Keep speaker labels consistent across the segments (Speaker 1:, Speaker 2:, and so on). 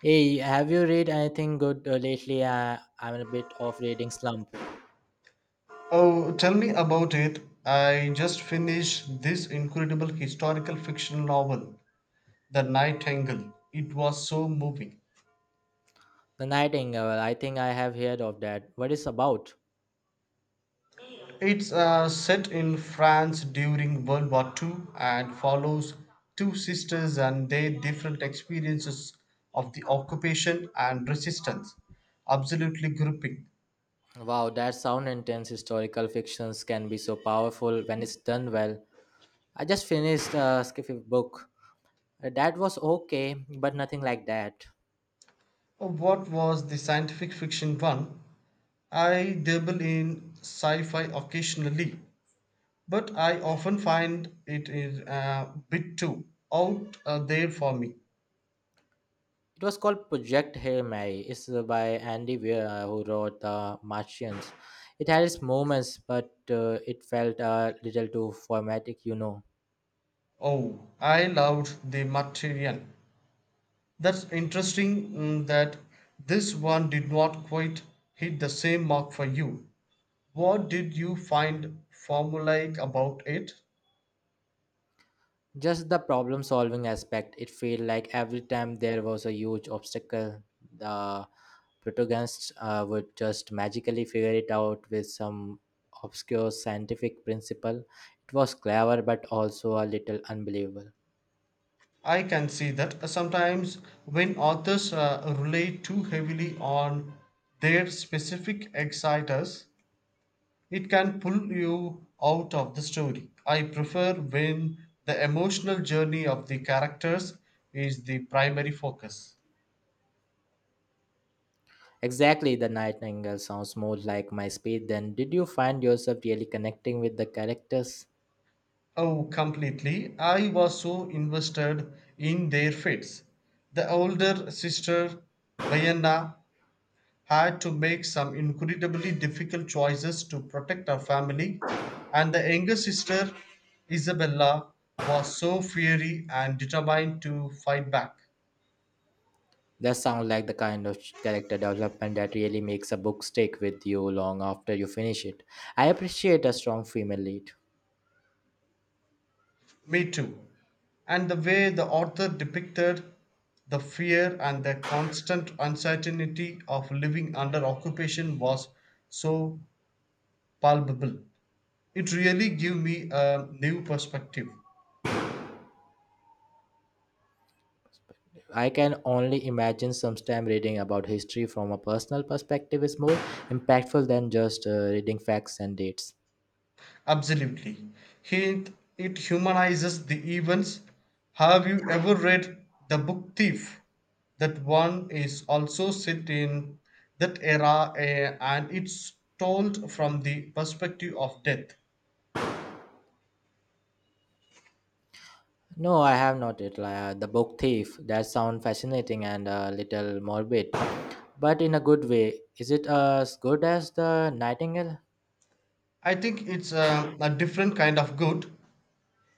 Speaker 1: Hey, have you read anything good lately? I'm in a bit of reading slump.
Speaker 2: Oh, tell me about it. I just finished this incredible historical fiction novel, The Nightingale. It was so moving.
Speaker 1: The Nightingale, I think I have heard of that. What is about?
Speaker 2: It's set in France during World War II and follows two sisters and their different experiences of the occupation and resistance. Absolutely gripping.
Speaker 1: Wow, that sound intense. Historical fictions can be so powerful when it's done well. I just finished a skiffy book. That was okay, but nothing like that.
Speaker 2: What was the scientific fiction one? I dabble in sci fi occasionally, but I often find it is a bit too out there for me.
Speaker 1: It was called Project Hail Mary. It's by Andy Weir, who wrote The Martians. It had its moments, but it felt a little too formatic.
Speaker 2: Oh, I loved the Martyrian. That's interesting that this one did not quite hit the same mark for you. What did you find formulaic about it?
Speaker 1: Just the problem solving aspect, it felt like every time there was a huge obstacle, the protagonists would just magically figure it out with some obscure scientific principle. It was clever but also a little unbelievable.
Speaker 2: I can see that, sometimes when authors rely too heavily on their specific exciters, it can pull you out of the story. I prefer when the emotional journey of the characters is the primary focus.
Speaker 1: Exactly, the Nightingale sounds more like my speed. Then, did you find yourself really connecting with the characters?
Speaker 2: Oh, completely. I was so invested in their fates. The older sister, Vienna, had to make some incredibly difficult choices to protect her family, and the younger sister, Isabella, was so fiery and determined to fight back.
Speaker 1: That sounds like the kind of character development that really makes a book stick with you long after you finish it. I appreciate a strong female lead.
Speaker 2: Me too. And the way the author depicted the fear and the constant uncertainty of living under occupation was so palpable. It really gave me a new perspective.
Speaker 1: I can only imagine sometimes reading about history from a personal perspective is more impactful than just reading facts and dates.
Speaker 2: Absolutely. He, it humanizes the events. Have you ever read The Book Thief? That one is also set in that era and it's told from the perspective of death.
Speaker 1: No, I have not read the Book Thief. That sounds fascinating and a little morbid, but in a good way. Is it as good as The Nightingale?
Speaker 2: I think it's a different kind of good.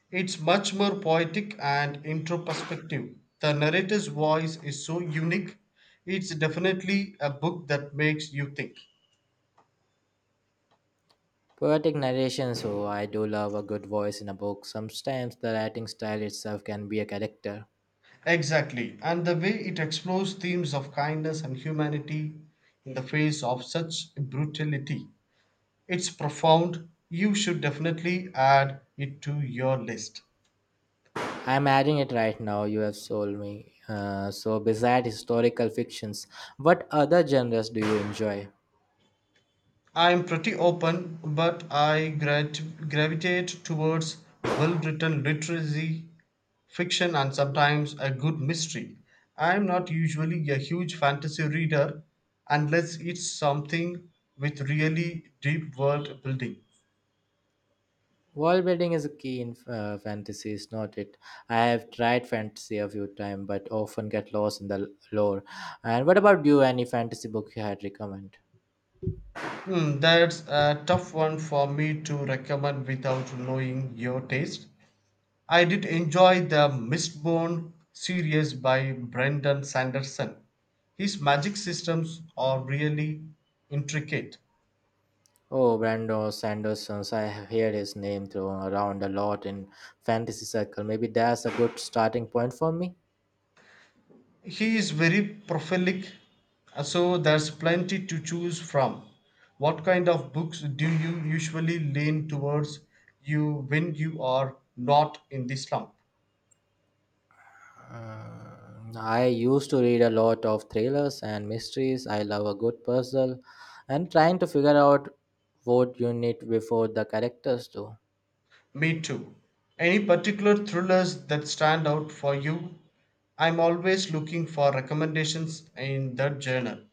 Speaker 2: It's much more poetic and introspective. The narrator's voice is so unique. It's definitely a book that makes you think.
Speaker 1: Poetic narration, so I do love a good voice in a book. Sometimes the writing style itself can be a character.
Speaker 2: Exactly. And the way it explores themes of kindness and humanity in the face of such brutality. It's profound. You should definitely add it to your list.
Speaker 1: I'm adding it right now. You have sold me. So, beside historical fictions, what other genres do you enjoy?
Speaker 2: I'm pretty open, but I gravitate towards well written literacy, fiction, and sometimes a good mystery. I'm not usually a huge fantasy reader unless it's something with really deep world building.
Speaker 1: Wall building is a key in fantasy, is not it? I have tried fantasy a few times, but often get lost in the lore. And what about you? Any fantasy book you had recommend?
Speaker 2: Hmm, that's a tough one for me to recommend without knowing your taste. I did enjoy the Mistborn series by Brendan Sanderson. His magic systems are really intricate.
Speaker 1: Oh, Brando Sanderson. I have heard his name thrown around a lot in fantasy circle. Maybe that's a good starting point for me.
Speaker 2: He is very prolific, so there's plenty to choose from. What kind of books do you usually lean towards you when you are not in the slump?
Speaker 1: Mm, I used to read a lot of thrillers and mysteries. I love a good puzzle and trying to figure out what you need before the characters do.
Speaker 2: Me too. Any particular thrillers that stand out for you? I'm always looking for recommendations in that genre.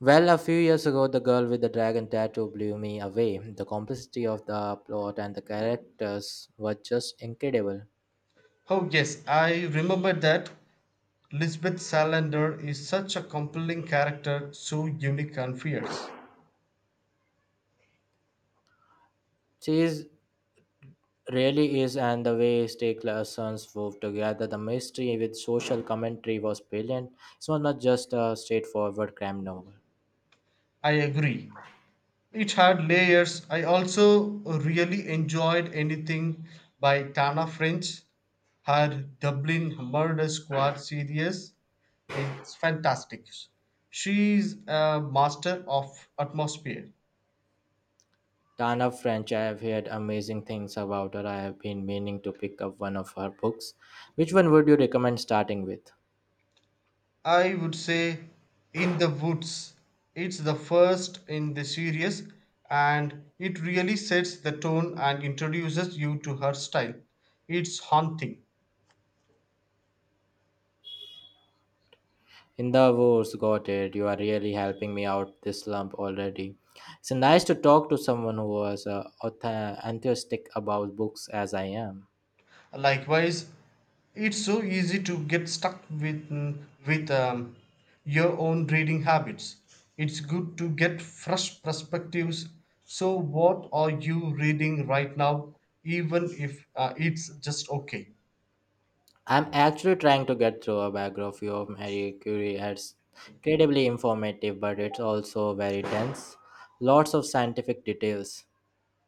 Speaker 1: Well, a few years ago, The Girl with the Dragon Tattoo blew me away. The complexity of the plot and the characters were just incredible.
Speaker 2: Oh, yes, I remember that. Lisbeth Salander is such a compelling character, so unique and fierce.
Speaker 1: She is, really is, and the way Stake Larson's wove together the mystery with social commentary was brilliant. It was not just a straightforward crime novel.
Speaker 2: I agree. It had layers. I also really enjoyed anything by Tana French. Her Dublin Murder Squad series is fantastic. She is a master of atmosphere.
Speaker 1: Tana French, I have heard amazing things about her. I have been meaning to pick up one of her books. Which one would you recommend starting with?
Speaker 2: I would say In the Woods. It's the first in the series and it really sets the tone and introduces you to her style. It's haunting.
Speaker 1: In the wars, got it. You are really helping me out this slump already. It's nice to talk to someone who was enthusiastic about books as I am.
Speaker 2: Likewise, it's so easy to get stuck with with your own reading habits. It's good to get fresh perspectives. So what are you reading right now even if it's just okay?
Speaker 1: I'm actually trying to get through a biography of Marie Curie. It's incredibly informative, but it's also very dense. Lots of scientific details.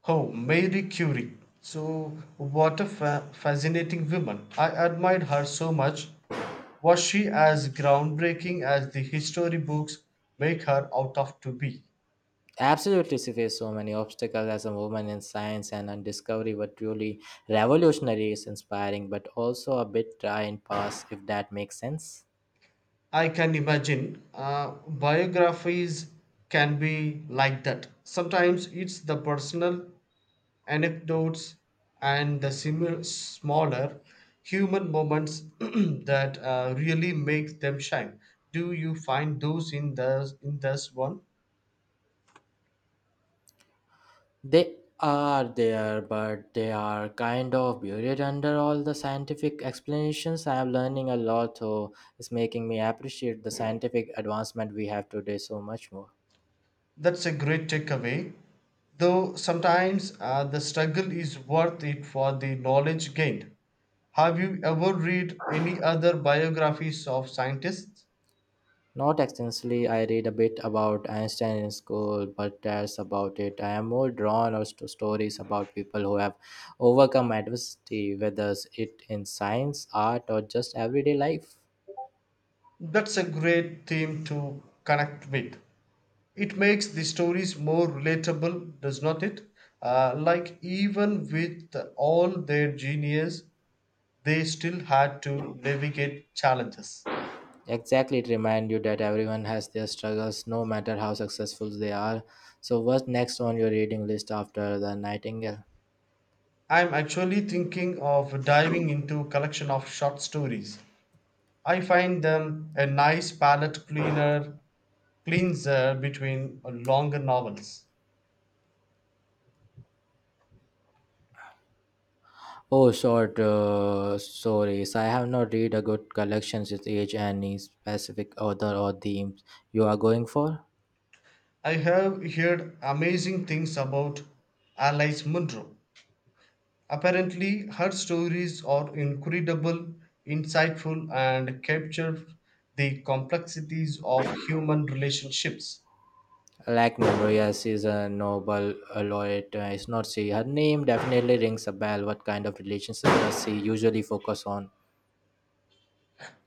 Speaker 2: Oh, Marie Curie. So, what a fascinating woman. I admired her so much. Was she as groundbreaking as the history books make her out of to be?
Speaker 1: Absolutely, she faced so many obstacles as a woman in science, and on discovery were truly revolutionary, is inspiring, but also a bit dry and past, if that makes sense.
Speaker 2: I can imagine biographies can be like that. Sometimes it's the personal anecdotes and the similar, smaller human moments that really make them shine. Do you find those in the in this one?
Speaker 1: They are there, but they are kind of buried under all the scientific explanations. I am learning a lot, so it's making me appreciate the scientific advancement we have today so much more.
Speaker 2: That's a great takeaway. Though sometimes, the struggle is worth it for the knowledge gained. Have you ever read any other biographies of scientists?
Speaker 1: Not extensively, I read a bit about Einstein in school, but that's about it. I am more drawn out to stories about people who have overcome adversity, whether it in science, art, or just everyday life.
Speaker 2: That's a great theme to connect with. It makes the stories more relatable, does not it? Like, even with all their genius, they still had to navigate challenges.
Speaker 1: Exactly, it reminds you that everyone has their struggles, no matter how successful they are. So, what's next on your reading list after The Nightingale?
Speaker 2: I'm actually thinking of diving into a collection of short stories. I find them a nice palette cleaner cleanser between longer novels.
Speaker 1: Oh, short stories. I have not read a good collection. With age, any specific author or themes you are going for.
Speaker 2: I have heard amazing things about Alice Munro. Apparently, her stories are incredible, insightful, and capture the complexities of human relationships.
Speaker 1: Like Memorias is a Nobel laureate. It's not she. Her name definitely rings a bell. What kind of relationship does she usually focus on?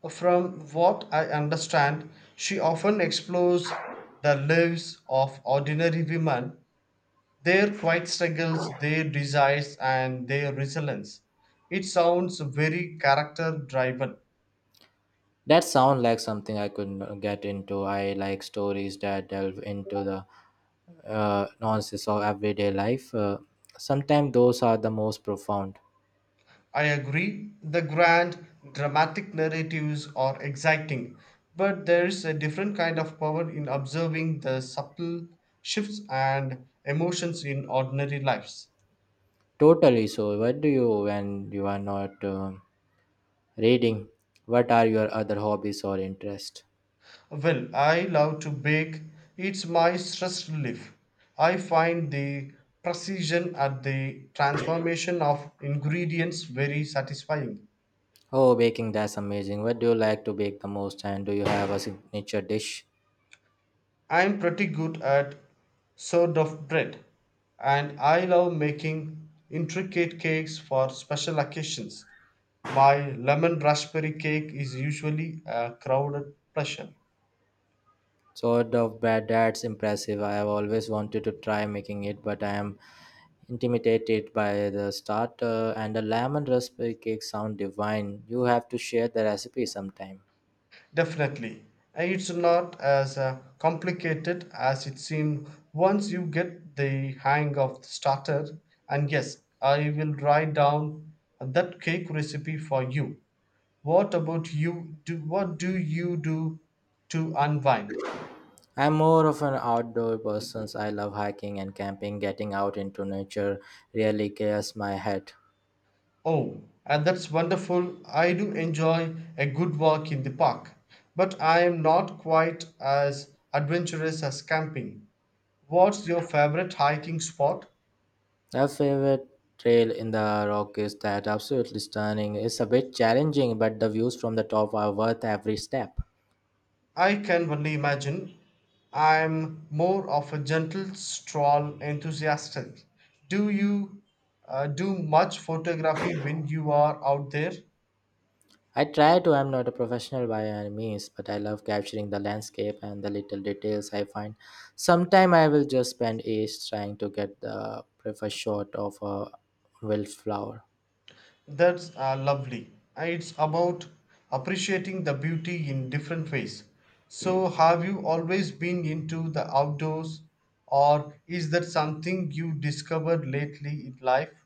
Speaker 2: From what I understand, she often explores the lives of ordinary women, their quiet struggles, their desires, and their resilience. It sounds very character driven.
Speaker 1: That sounds like something I could get into. I like stories that delve into the nonsense of everyday life. Sometimes those are the most profound.
Speaker 2: I agree, the grand, dramatic narratives are exciting, but there's a different kind of power in observing the subtle shifts and emotions in ordinary lives.
Speaker 1: Totally. So, what do you when you are not reading? What are your other hobbies or interests?
Speaker 2: Well, I love to bake, it's my stress relief. I find the precision at the transformation of ingredients very satisfying.
Speaker 1: Oh, baking, that's amazing. What do you like to bake the most? And do you have a signature dish?
Speaker 2: I'm pretty good at sort of bread and I love making intricate cakes for special occasions. My lemon raspberry cake is usually a crowded pleasure.
Speaker 1: Sort of bread, that's impressive. I have always wanted to try making it, but I am intimidated by the starter, and the lemon raspberry cake sound divine. You have to share the recipe sometime.
Speaker 2: Definitely. And it's not as complicated as it seemed once you get the hang of the starter. And yes, I will write down that cake recipe for you. What about you? Do what do you do to unwind?
Speaker 1: I'm more of an outdoor person. I love hiking and camping. Getting out into nature really clears my head.
Speaker 2: Oh, and that's wonderful. I do enjoy a good walk in the park, but I am not quite as adventurous as camping. What's your favorite hiking spot?
Speaker 1: My favorite trail in the rock is that absolutely stunning. It's a bit challenging, but the views from the top are worth every step.
Speaker 2: I can only imagine. I'm more of a gentle stroll enthusiast. Do you do much photography when you are out there?
Speaker 1: I try to, I'm not a professional by any means, but I love capturing the landscape and the little details I find. Sometime I will just spend ages trying to get the preferred shot of a wildflower.
Speaker 2: That's lovely. It's about appreciating the beauty in different ways. So, have you always been into the outdoors, or is that something you discovered lately in life?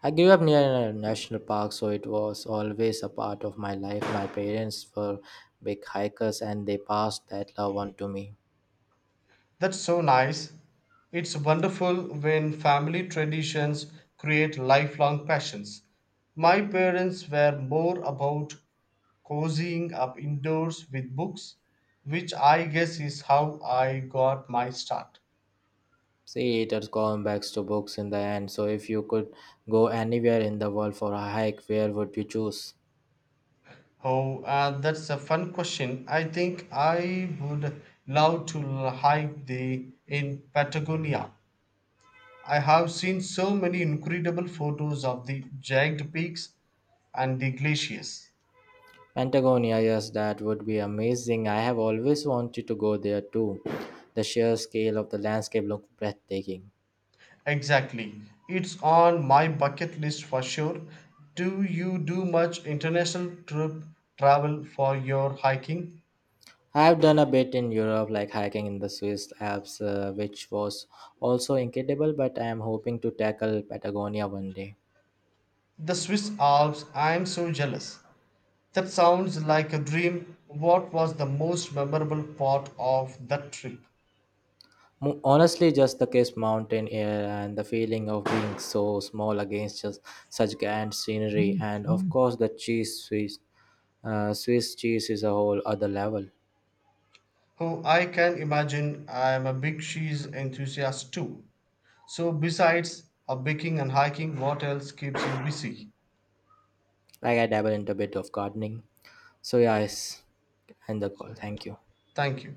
Speaker 1: I grew up near a national park, so it was always a part of my life. My parents were big hikers and they passed that love on to me.
Speaker 2: That's so nice. It's wonderful when family traditions create lifelong passions. My parents were more about cozying up indoors with books, which I guess is how I got my start.
Speaker 1: See, it has gone back to books in the end. So, if you could go anywhere in the world for a hike, where would you choose?
Speaker 2: Oh, that's a fun question. I think I would love to hike the in Patagonia. I have seen so many incredible photos of the jagged peaks and the glaciers.
Speaker 1: Patagonia, yes, that would be amazing. I have always wanted to go there too. The sheer scale of the landscape looks breathtaking.
Speaker 2: Exactly. It's on my bucket list for sure. Do you do much international trip travel for your hiking?
Speaker 1: I have done a bit in Europe, like hiking in the Swiss Alps, which was also incredible, but I am hoping to tackle Patagonia one day.
Speaker 2: The Swiss Alps, I'm so jealous. That sounds like a dream. What was the most memorable part of that trip?
Speaker 1: Honestly, just the crisp mountain air and the feeling of being so small against just such grand scenery, and of course the cheese Swiss. Swiss cheese is a whole other level.
Speaker 2: Oh, I can imagine I am a big cheese enthusiast too. So, besides a baking and hiking, what else keeps you busy?
Speaker 1: Like I dabble into a bit of gardening, so yeah, it's end the call. Thank you.
Speaker 2: Thank you.